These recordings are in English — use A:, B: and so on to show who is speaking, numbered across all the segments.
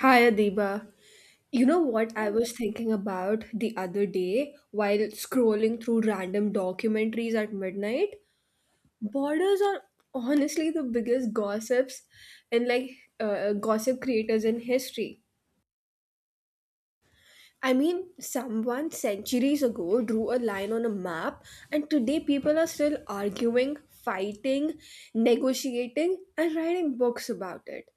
A: Hi Adiba. You know what I was thinking about the other day while scrolling through random documentaries at midnight? Borders are honestly the biggest gossips and uh, gossip creators in history. I mean, someone centuries ago drew a line on a map, and today people are still arguing, fighting, negotiating, and writing books about it.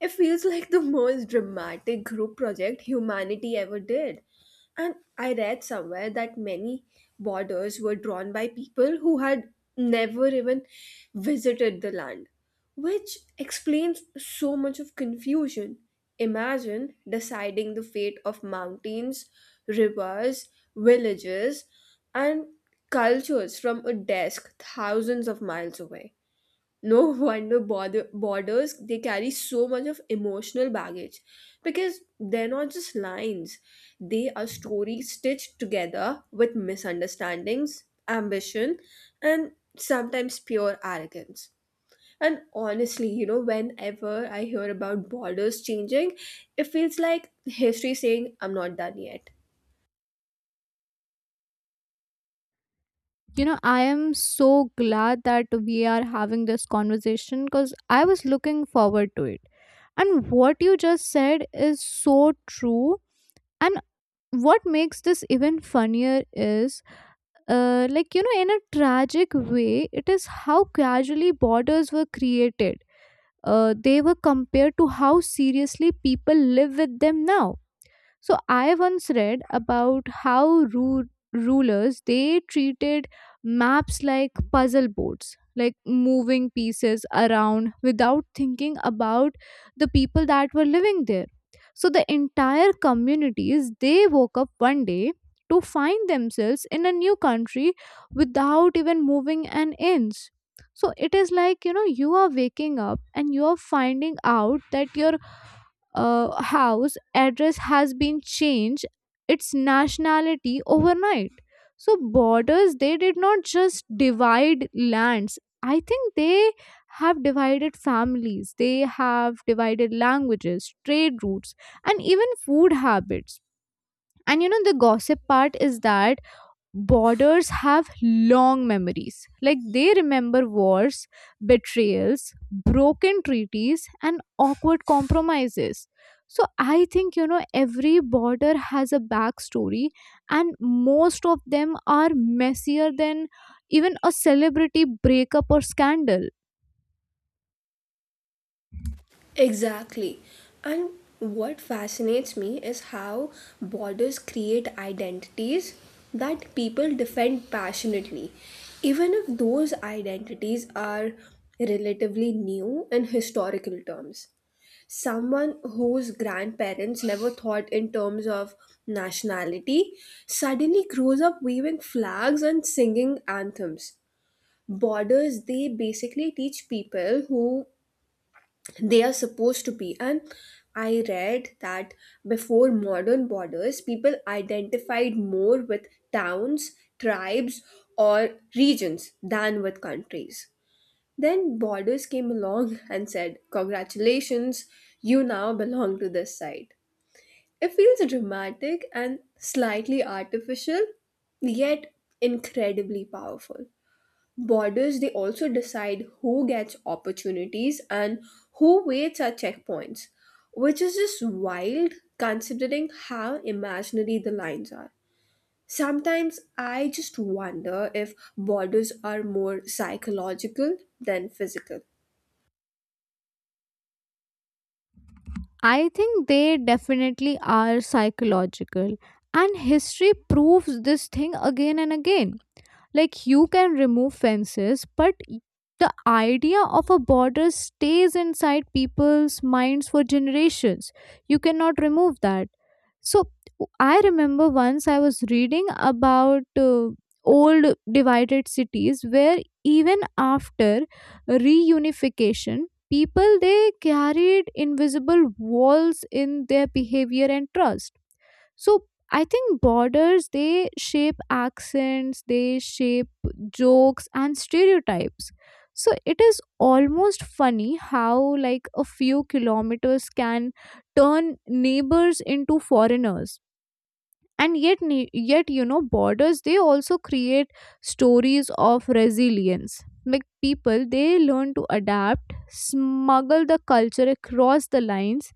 A: It feels like the most dramatic group project humanity ever did. And I read somewhere that many borders were drawn by people who had never even visited the land, which explains so much of confusion. Imagine deciding the fate of mountains, rivers, villages, and cultures from a desk thousands of miles away. No wonder borders, they carry so much of emotional baggage, because they're not just lines, they are stories stitched together with misunderstandings, ambition, and sometimes pure arrogance. And honestly, you know, whenever I hear about borders changing, it feels like history saying I'm not done yet.
B: You know, I am so glad that we are having this conversation because I was looking forward to it. And what you just said is so true. And what makes this even funnier is, in a tragic way, it is how casually borders were created. They were compared to how seriously people live with them now. So I once read about how ru- rulers, they treated maps like puzzle boards, like moving pieces around without thinking about the people that were living there. So the entire communities, they woke up one day to find themselves in a new country without even moving an inch. So it is like, you know, you are waking up and you are finding out that your house address has been changed, its nationality overnight. So borders, they did not just divide lands. I think they have divided families, they have divided languages, trade routes, and even food habits. And you know the gossip part is that borders have long memories. Like they remember wars, betrayals, broken treaties, and awkward compromises. So I think, you know, every border has a backstory, and most of them are messier than even a celebrity breakup or scandal.
A: Exactly. And what fascinates me is how borders create identities that people defend passionately, even if those identities are relatively new in historical terms. Someone whose grandparents never thought in terms of nationality suddenly grows up waving flags and singing anthems. Borders, they basically teach people who they are supposed to be. And I read that before modern borders, people identified more with towns, tribes, or regions than with countries. Then borders came along and said, Congratulations, you now belong to this side. It feels dramatic and slightly artificial, yet incredibly powerful. Borders, they also decide who gets opportunities and who waits at checkpoints, which is just wild considering how imaginary the lines are. Sometimes I just wonder if borders are more psychological than physical.
B: I think they definitely are psychological, and history proves this thing again and again. Like you can remove fences, but the idea of a border stays inside people's minds for generations. You cannot remove that. So I remember once I was reading about old divided cities where even after reunification, people, they carried invisible walls in their behavior and trust. So I think borders, they shape accents, they shape jokes and stereotypes. So it is almost funny how like a few kilometers can turn neighbors into foreigners. And yet, yet, you know, borders, they also create stories of resilience, like people, they learn to adapt, smuggle the culture across the lines,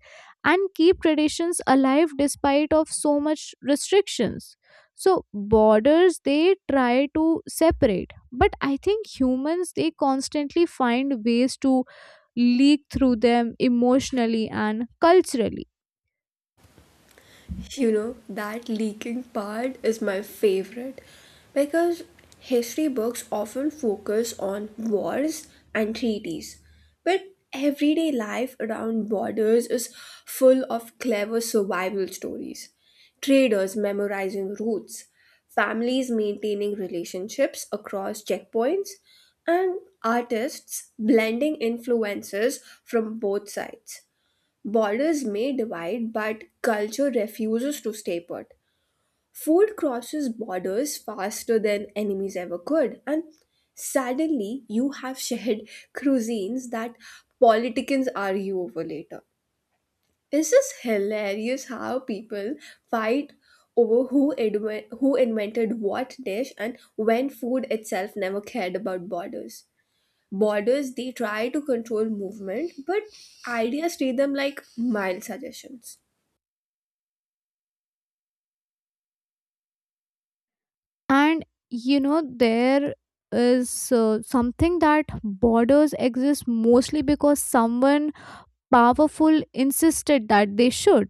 B: and keep traditions alive despite of so much restrictions. So borders, they try to separate, but I think humans, they constantly find ways to leak through them emotionally and culturally.
A: You know, that leaking part is my favorite because history books often focus on wars and treaties. But everyday life around borders is full of clever survival stories. Traders memorizing routes, families maintaining relationships across checkpoints, and artists blending influences from both sides. Borders may divide, but culture refuses to stay put. Food crosses borders faster than enemies ever could, and suddenly you have shared cuisines that politicians argue over later. It's just hilarious how people fight over who invented what dish and when, food itself never cared about borders. Borders, they try to control movement, but ideas treat them like mild suggestions.
B: And you know, there is something that borders exist mostly because someone powerful insisted that they should.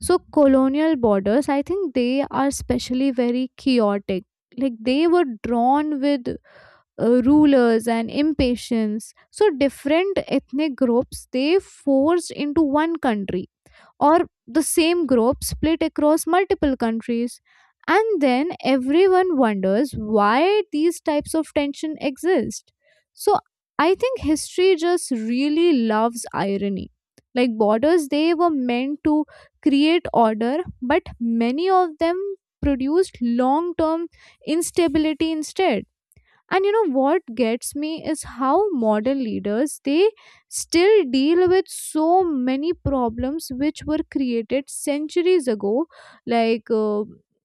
B: So colonial borders, I think, they are especially very chaotic. Like they were drawn with rulers and impatience, so different ethnic groups, they forced into one country, or the same group split across multiple countries. And then everyone wonders why these types of tension exist. So I think history just really loves irony. Like borders, they were meant to create order, but many of them produced long term instability instead. And you know what gets me is how modern leaders, they still deal with so many problems which were created centuries ago, like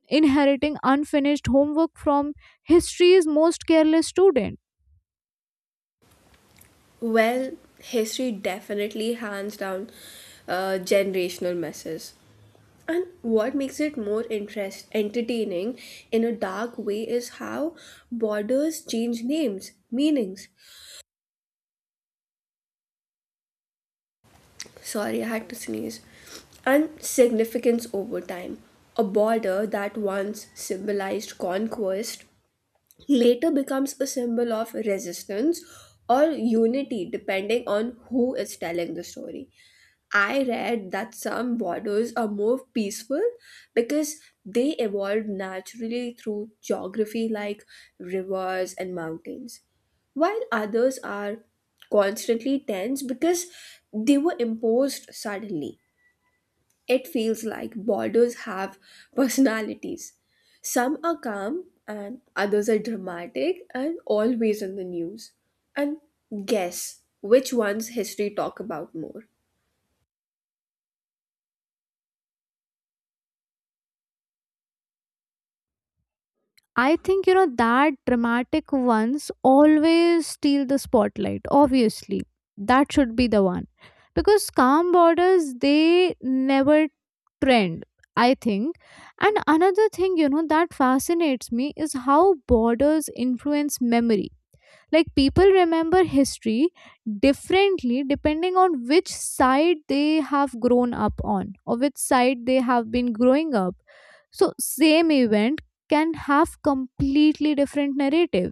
B: inheriting unfinished homework from history's most careless student.
A: Well, history definitely hands down generational messes. And what makes it more interest entertaining in a dark way is how borders change names, meanings. Sorry, I had to sneeze. And significance over time. A border that once symbolized conquest later becomes a symbol of resistance or unity depending on who is telling the story. I read that some borders are more peaceful because they evolved naturally through geography like rivers and mountains, while others are constantly tense because they were imposed suddenly. It feels like borders have personalities. Some are calm and others are dramatic and always in the news. And guess which one's history talk about more?
B: I think, you know, that dramatic ones always steal the spotlight, obviously. That should be the one, because calm borders, they never trend, I think. And another thing, you know, that fascinates me is how borders influence memory. Like people remember history differently depending on which side they have grown up on, or which side they have been growing up. So same event can have completely different narrative.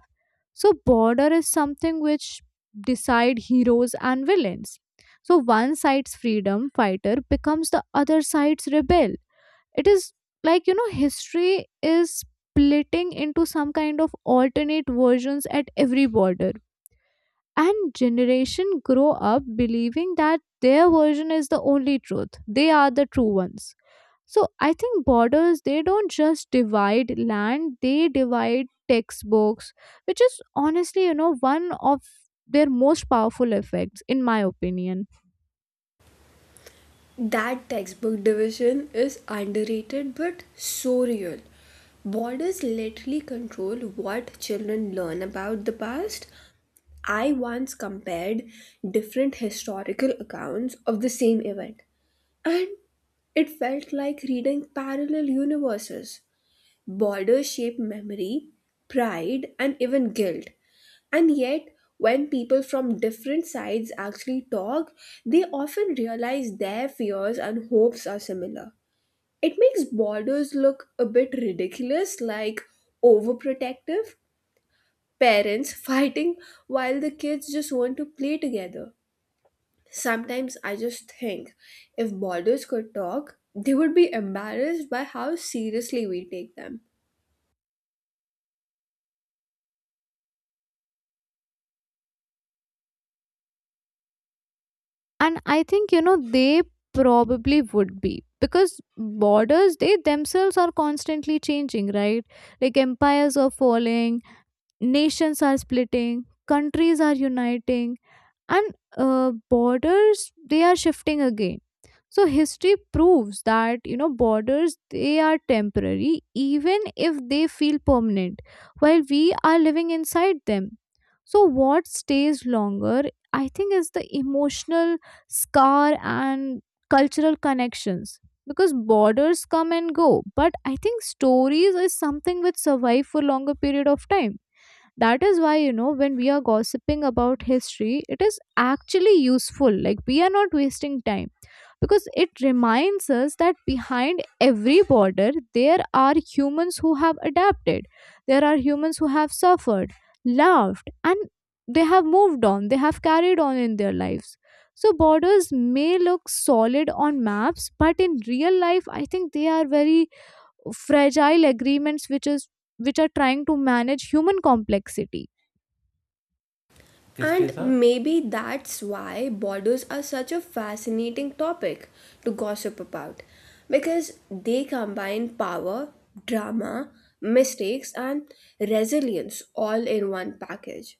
B: So border is something which decide heroes and villains. So one side's freedom fighter becomes the other side's rebel. It is like, you know, history is splitting into some kind of alternate versions at every border, and generation grow up believing that their version is the only truth, they are the true ones. So I think borders, they don't just divide land, they divide textbooks, which is honestly, you know, one of their most powerful effects in my opinion.
A: That textbook division is underrated but so real. Borders literally control what children learn about the past. I once compared different historical accounts of the same event, and it felt like reading parallel universes. Border shape memory, pride, and even guilt. And yet, when people from different sides actually talk, they often realize their fears and hopes are similar. It makes borders look a bit ridiculous, like overprotective parents fighting while the kids just want to play together. Sometimes I just think if borders could talk, they would be embarrassed by how seriously we take them.
B: And I think, you know, they probably would be, because borders, they themselves are constantly changing, right? Like empires are falling, nations are splitting, countries are uniting, and borders, they are shifting again. So history proves that, you know, borders, they are temporary even if they feel permanent while we are living inside them. So what stays longer, I think, is the emotional scar and cultural connections, because borders come and go, but I think stories is something which survive for longer period of time. That is why, you know, when we are gossiping about history, it is actually useful, like we are not wasting time, because it reminds us that behind every border there are humans who have adapted, there are humans who have suffered, laughed, and they have moved on, they have carried on in their lives. So borders may look solid on maps, but in real life I think they are very fragile agreements, which are trying to manage human complexity.
A: And maybe that's why borders are such a fascinating topic to gossip about, because they combine power, drama, mistakes, and resilience all in one package.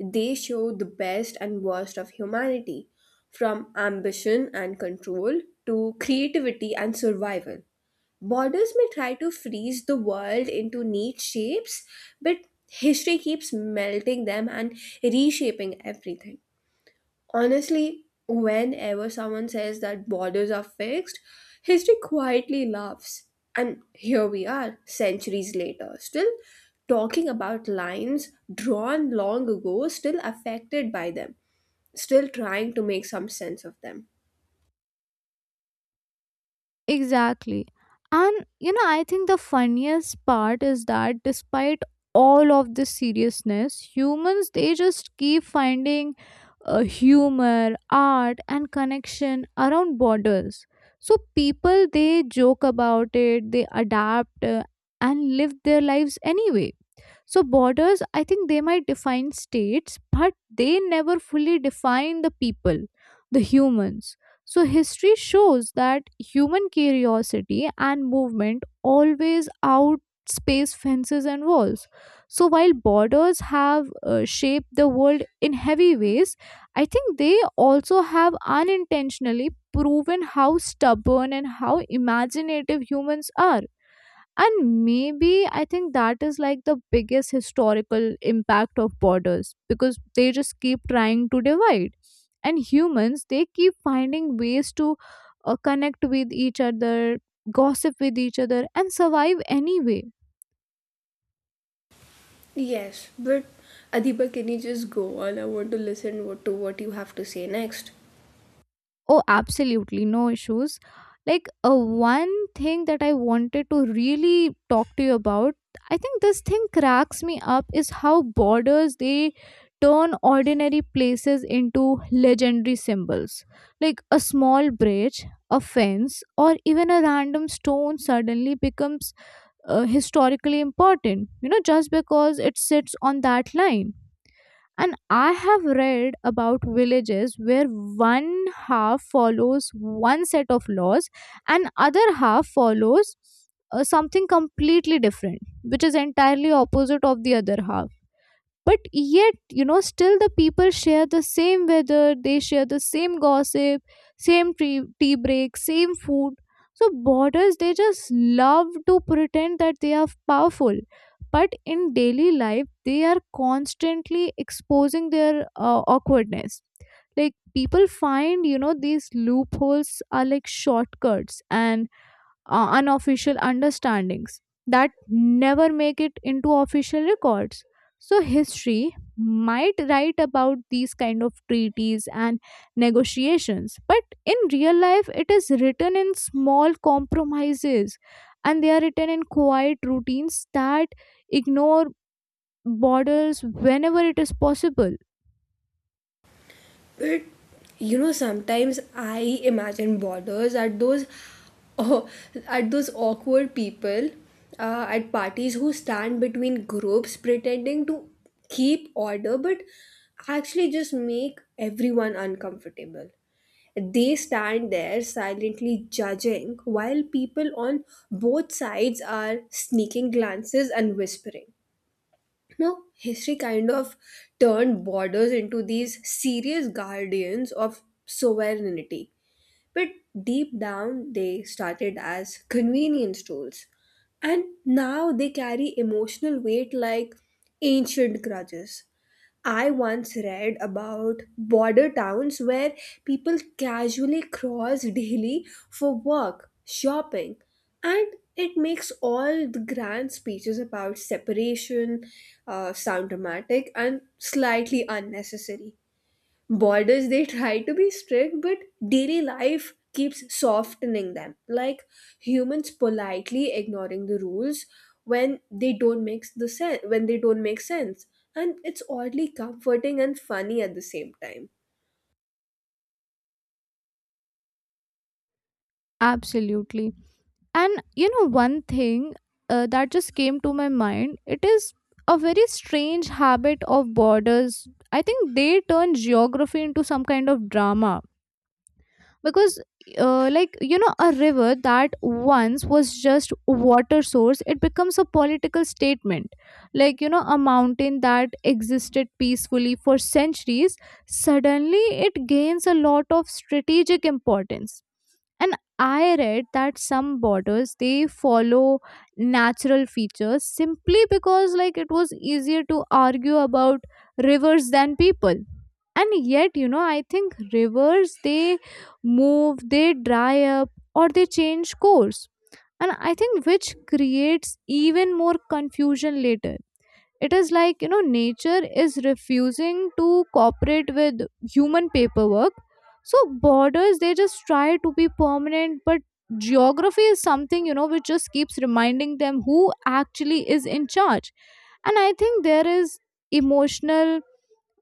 A: They show the best and worst of humanity, from ambition and control to creativity and survival. Borders may try to freeze the world into neat shapes, but history keeps melting them and reshaping everything. Honestly, whenever someone says that borders are fixed, history quietly laughs. And here we are, centuries later, still talking about lines drawn long ago, still affected by them, still trying to make some sense of them.
B: Exactly. And you know, I think the funniest part is that despite all of this seriousness, humans, they just keep finding humor, art, and connection around borders. So people, they joke about it, they adapt, and live their lives anyway. So borders, I think, they might define states but they never fully define the people, the humans. So history shows that human curiosity and movement always outspace fences and walls. So while borders have shaped the world in heavy ways, I think they also have unintentionally proven how stubborn and how imaginative humans are. And maybe I think that is like the biggest historical impact of borders, because they just keep trying to divide. And humans, they keep finding ways to connect with each other, gossip with each other, and survive anyway.
A: Yes, but Adiba, can you just go on? I want to listen to what you have to say next.
B: Oh, absolutely, no issues. Like one thing that I wanted to really talk to you about, I think this thing cracks me up is how borders, they turn ordinary places into legendary symbols. Like a small bridge, a fence, or even a random stone suddenly becomes historically important, you know, just because it sits on that line. And I have read about villages where one half follows one set of laws and other half follows something completely different, which is entirely opposite of the other half. But yet, you know, still the people share the same weather, they share the same gossip, same tea, tea break, same food. So borders, they just love to pretend that they are powerful, but in daily life they are constantly exposing their awkwardness. Like people find, you know, these loopholes are like shortcuts and unofficial understandings that never make it into official records. So history might write about these kind of treaties and negotiations, but in real life it is written in small compromises, and they are written in quiet routines that ignore borders whenever it is possible.
A: But you know, sometimes I imagine borders at those, oh, at those awkward people at parties who stand between groups pretending to keep order, but actually just make everyone uncomfortable. They stand there silently judging while people on both sides are sneaking glances and whispering. Now, history kind of turned borders into these serious guardians of sovereignty, but deep down they started as convenience tools. And now they carry emotional weight like ancient grudges. I once read about border towns where people casually cross daily for work, shopping, and it makes all the grand speeches about separation sound dramatic and slightly unnecessary. Borders, they try to be strict, but daily life keeps softening them, like humans politely ignoring the rules when they don't make sense. And it's oddly comforting and funny at the same time.
B: Absolutely. And you know, one thing that just came to my mind, it is a very strange habit of borders. I think they turn geography into some kind of drama, because like you know, a river that once was just water source, it becomes a political statement. Like you know, a mountain that existed peacefully for centuries, suddenly it gains a lot of strategic importance. And I read that some borders, they follow natural features simply because like it was easier to argue about rivers than people. And yet, you know, I think rivers, they move, they dry up, or they change course. And I think which creates even more confusion later. It is like, you know, nature is refusing to cooperate with human paperwork. So borders, they just try to be permanent, but geography is something, you know, which just keeps reminding them who actually is in charge. And I think there is emotional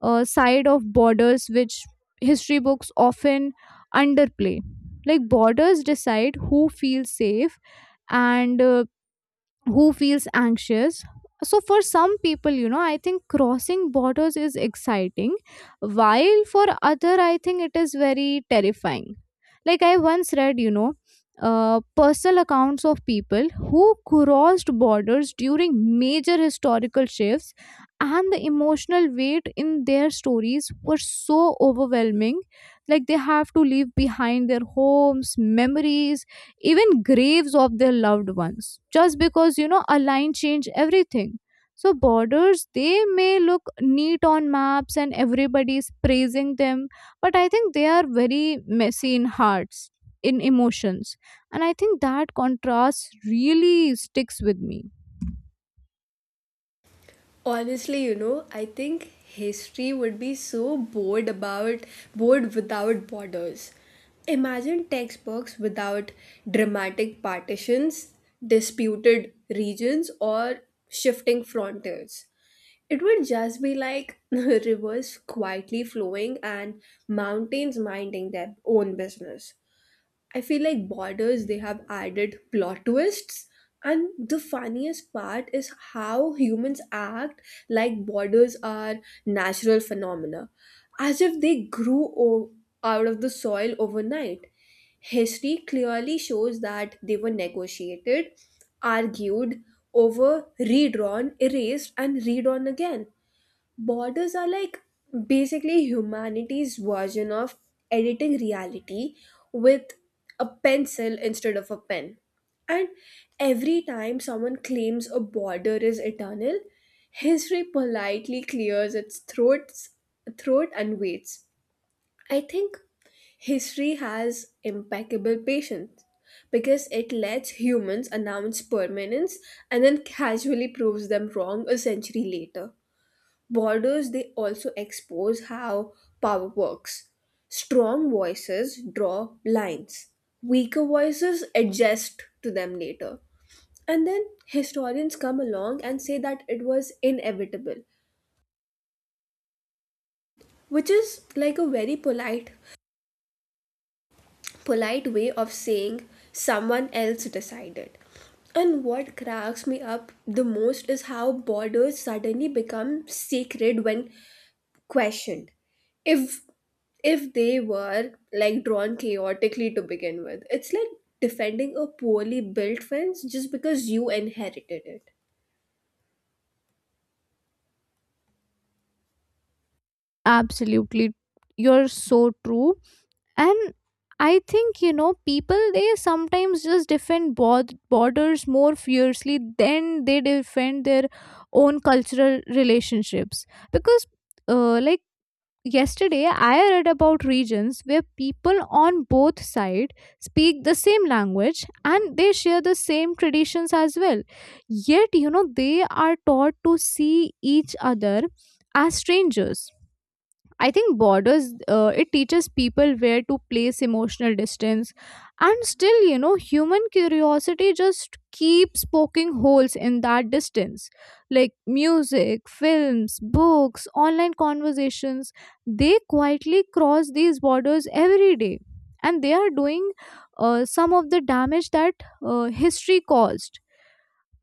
B: side of borders which history books often underplay. Like borders decide who feels safe and who feels anxious. So for some people, you know, I think crossing borders is exciting, while for other I think it is very terrifying. Like I once read, you know, personal accounts of people who crossed borders during major historical shifts, and the emotional weight in their stories were so overwhelming. Like they have to leave behind their homes, memories, even graves of their loved ones, just because, you know, a line changed everything. So borders, they may look neat on maps and everybody is praising them, but I think they are very messy in hearts, in emotions, and I think that contrast really sticks with me.
A: Honestly, you know, I think history would be so bored without borders. Imagine textbooks without dramatic partitions, disputed regions, or shifting frontiers. It would just be like rivers quietly flowing and mountains minding their own business. I feel like Borders, they have added plot twists. And the funniest part is how humans act like borders are natural phenomena, as if they out of the soil overnight. History clearly shows that they were negotiated, argued over, redrawn, erased, and redrawn again. Borders are like basically humanity's version of editing reality with a pencil instead of a pen. And every time someone claims a border is eternal, history politely clears its throat and waits. I think history has impeccable patience because it lets humans announce permanence and then casually proves them wrong a century later. Borders, they also expose how power works. Strong voices draw lines, weaker voices adjust to them later. And then historians come along and say that it was inevitable, which is like a very polite way of saying someone else decided. And what cracks me up the most is how borders suddenly become sacred when questioned, if if they were like drawn chaotically to begin with. It's like defending a poorly built fence just because you inherited it.
B: Absolutely, you're so true. And I think, you know, people, they sometimes just defend borders more fiercely than they defend their own cultural relationships, because like yesterday, I read about regions where people on both sides speak the same language and they share the same traditions as well. Yet, you know, they are taught to see each other as strangers. I think borders it teaches people where to place emotional distance, and still, you know, human curiosity just keeps poking holes in that distance, like music, films, books, online conversations. They quietly cross these borders every day, and they are doing some of the damage that history caused.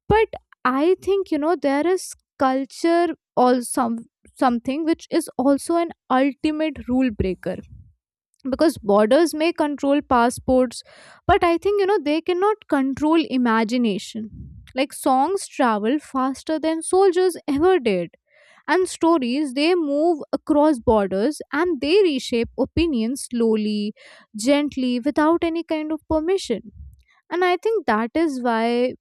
B: But I think, you know, there is culture or some something which is also an ultimate rule breaker, because borders may control passports, but I think, you know, they cannot control imagination. Like songs travel faster than soldiers ever did, and stories, they move across borders and they reshape opinions slowly, gently, without any kind of permission. And I think that is why,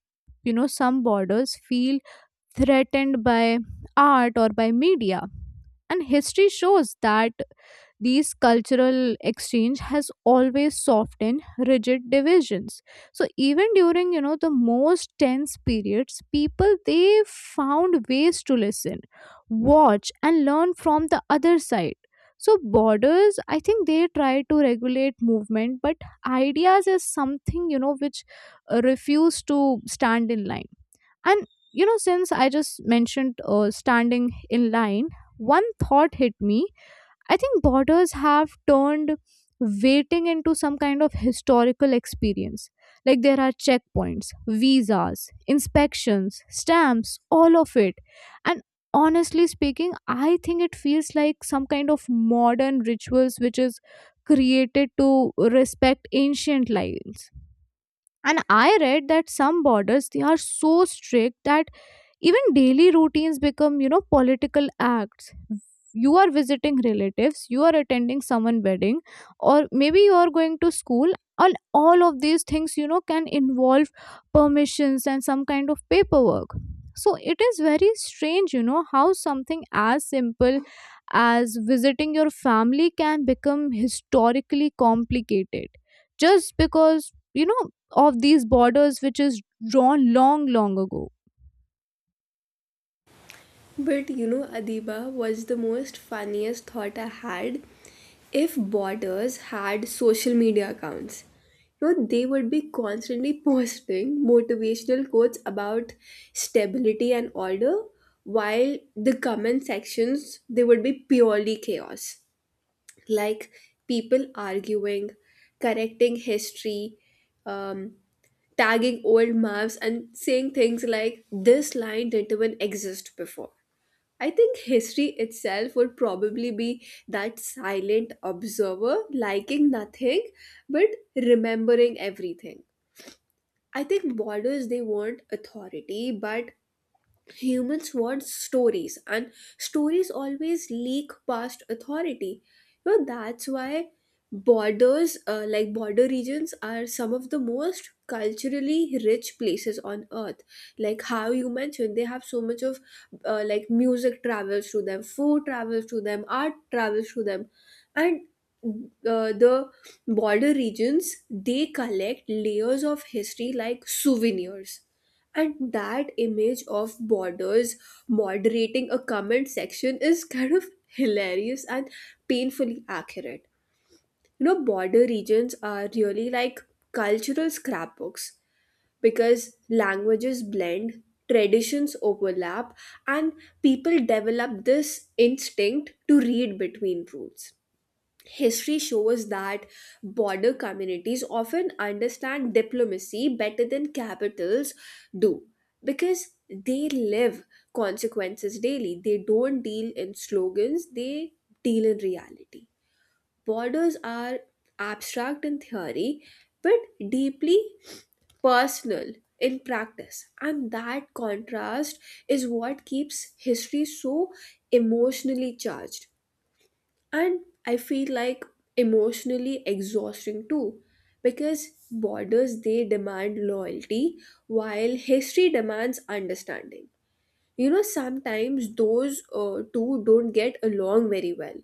B: you know, some borders feel threatened by art or by media. And history shows that these cultural exchange has always softened rigid divisions. So even during, you know, the most tense periods, people they found ways to listen, watch, and learn from the other side. So borders, I think they try to regulate movement, but ideas is something, you know, which refuse to stand in line. And you know, since I just mentioned standing in line, one thought hit me. I think borders have turned waiting into some kind of historical experience. Like there are checkpoints, visas, inspections, stamps, all of it. And honestly speaking, I think it feels like some kind of modern rituals which is created to respect ancient lines. And I read that some borders they are so strict that even daily routines become, you know, political acts. You are visiting relatives, you are attending someone wedding, or maybe you are going to school, and all of these things, you know, can involve permissions and some kind of paperwork. So it is very strange, you know, how something as simple as visiting your family can become historically complicated just because, you know, of these borders which is drawn long long ago.
A: But you know, Adiba, was the most funniest thought I had. If borders had social media accounts, you know, they would be constantly posting motivational quotes about stability and order, while the comment sections they would be purely chaos. Like people arguing, correcting history, um, tagging old maps, and saying things like, this line didn't even exist before. I think history itself would probably be that silent observer, liking nothing but remembering everything. I think borders, they want authority, but humans want stories, and stories always leak past authority. You know, that's why border regions are some of the most culturally rich places on earth. Like how you mentioned, they have so much of, music travels through them, food travels through them, art travels through them, and the border regions, they collect layers of history like souvenirs. And that image of borders moderating a comment section is kind of hilarious and painfully accurate. You know, border regions are really like cultural scrapbooks because languages blend, traditions overlap, and people develop this instinct to read between rules. History shows that border communities often understand diplomacy better than capitals do, because they live consequences daily. They don't deal in slogans, they deal in reality. Borders are abstract in theory but deeply personal in practice, and that contrast is what keeps history so emotionally charged, and I feel like emotionally exhausting too, because borders, they demand loyalty while history demands understanding. You know, sometimes those two don't get along very well.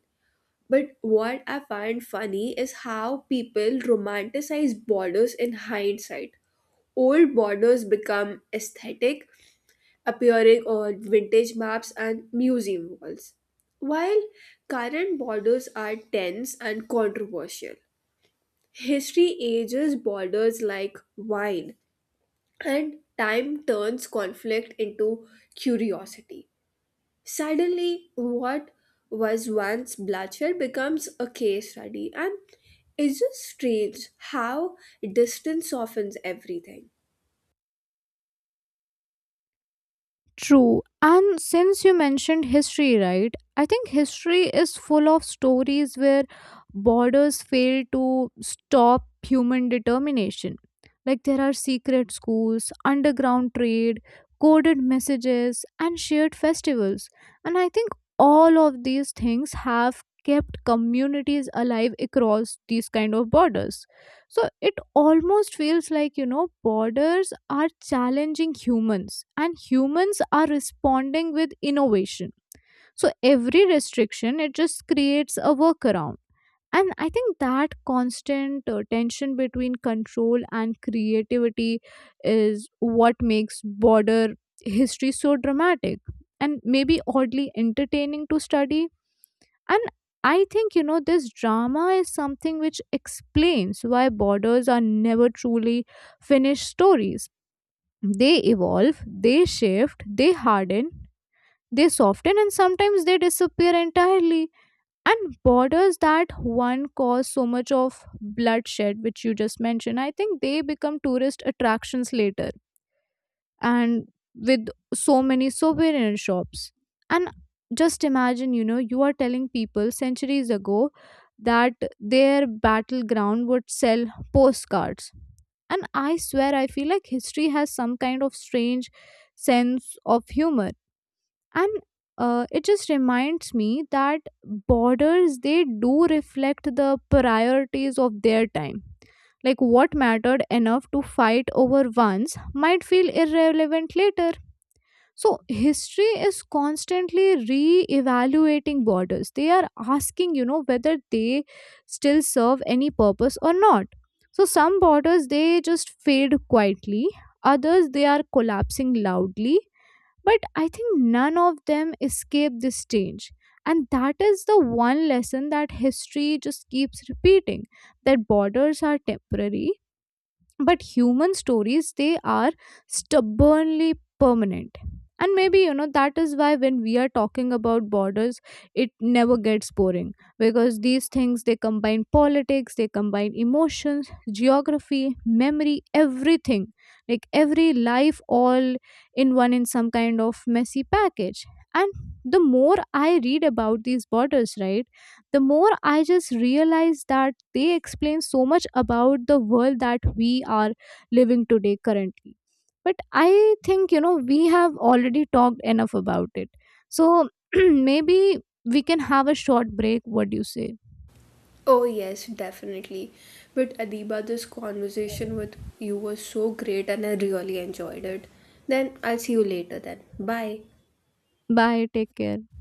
A: But what I find funny is how people romanticize borders in hindsight. Old borders become aesthetic, appearing on vintage maps and museum walls. While current borders are tense and controversial, history ages borders like wine, and time turns conflict into curiosity. Suddenly, what was once bloodshed becomes a case study, and it's just strange how distance softens everything.
B: True. And since you mentioned history, right? I think history is full of stories where borders fail to stop human determination. Like there are secret schools, underground trade, coded messages, and shared festivals. And I think all of these things have kept communities alive across these kind of borders. So it almost feels like, you know, borders are challenging humans and humans are responding with innovation. So every restriction, it just creates a workaround. And I think that constant tension between control and creativity is what makes border history so dramatic, and maybe oddly entertaining to study. And I think, you know, this drama is something which explains why borders are never truly finished stories. They evolve, they shift, they harden, they soften, and sometimes they disappear entirely. And borders that one cause so much of bloodshed, which you just mentioned, I think they become tourist attractions later, and with so many souvenir shops. And just imagine, you know, you are telling people centuries ago that their battleground would sell postcards. And I swear, I feel like history has some kind of strange sense of humor. And it just reminds me that borders they do reflect the priorities of their time, like what mattered enough to fight over once might feel irrelevant later. So history is constantly re-evaluating borders. They are asking, you know, whether they still serve any purpose or not. So some borders they just fade quietly, others they are collapsing loudly. But I think none of them escape this change. And that is the one lesson that history just keeps repeating, that borders are temporary but human stories they are stubbornly permanent. And maybe, you know, that is why when we are talking about borders, it never gets boring, because these things they combine politics, they combine emotions, geography, memory, everything. Like every life all in one, in some kind of messy package. And the more I read about these borders, right, the more I just realize that they explain so much about the world that we are living today currently. But I think, you know, we have already talked enough about it. So maybe we can have a short break. What do you say?
A: Oh, yes, definitely. But Adiba, this conversation with you was so great and I really enjoyed it. Then I'll see you later then. Bye.
B: Bye. Take care.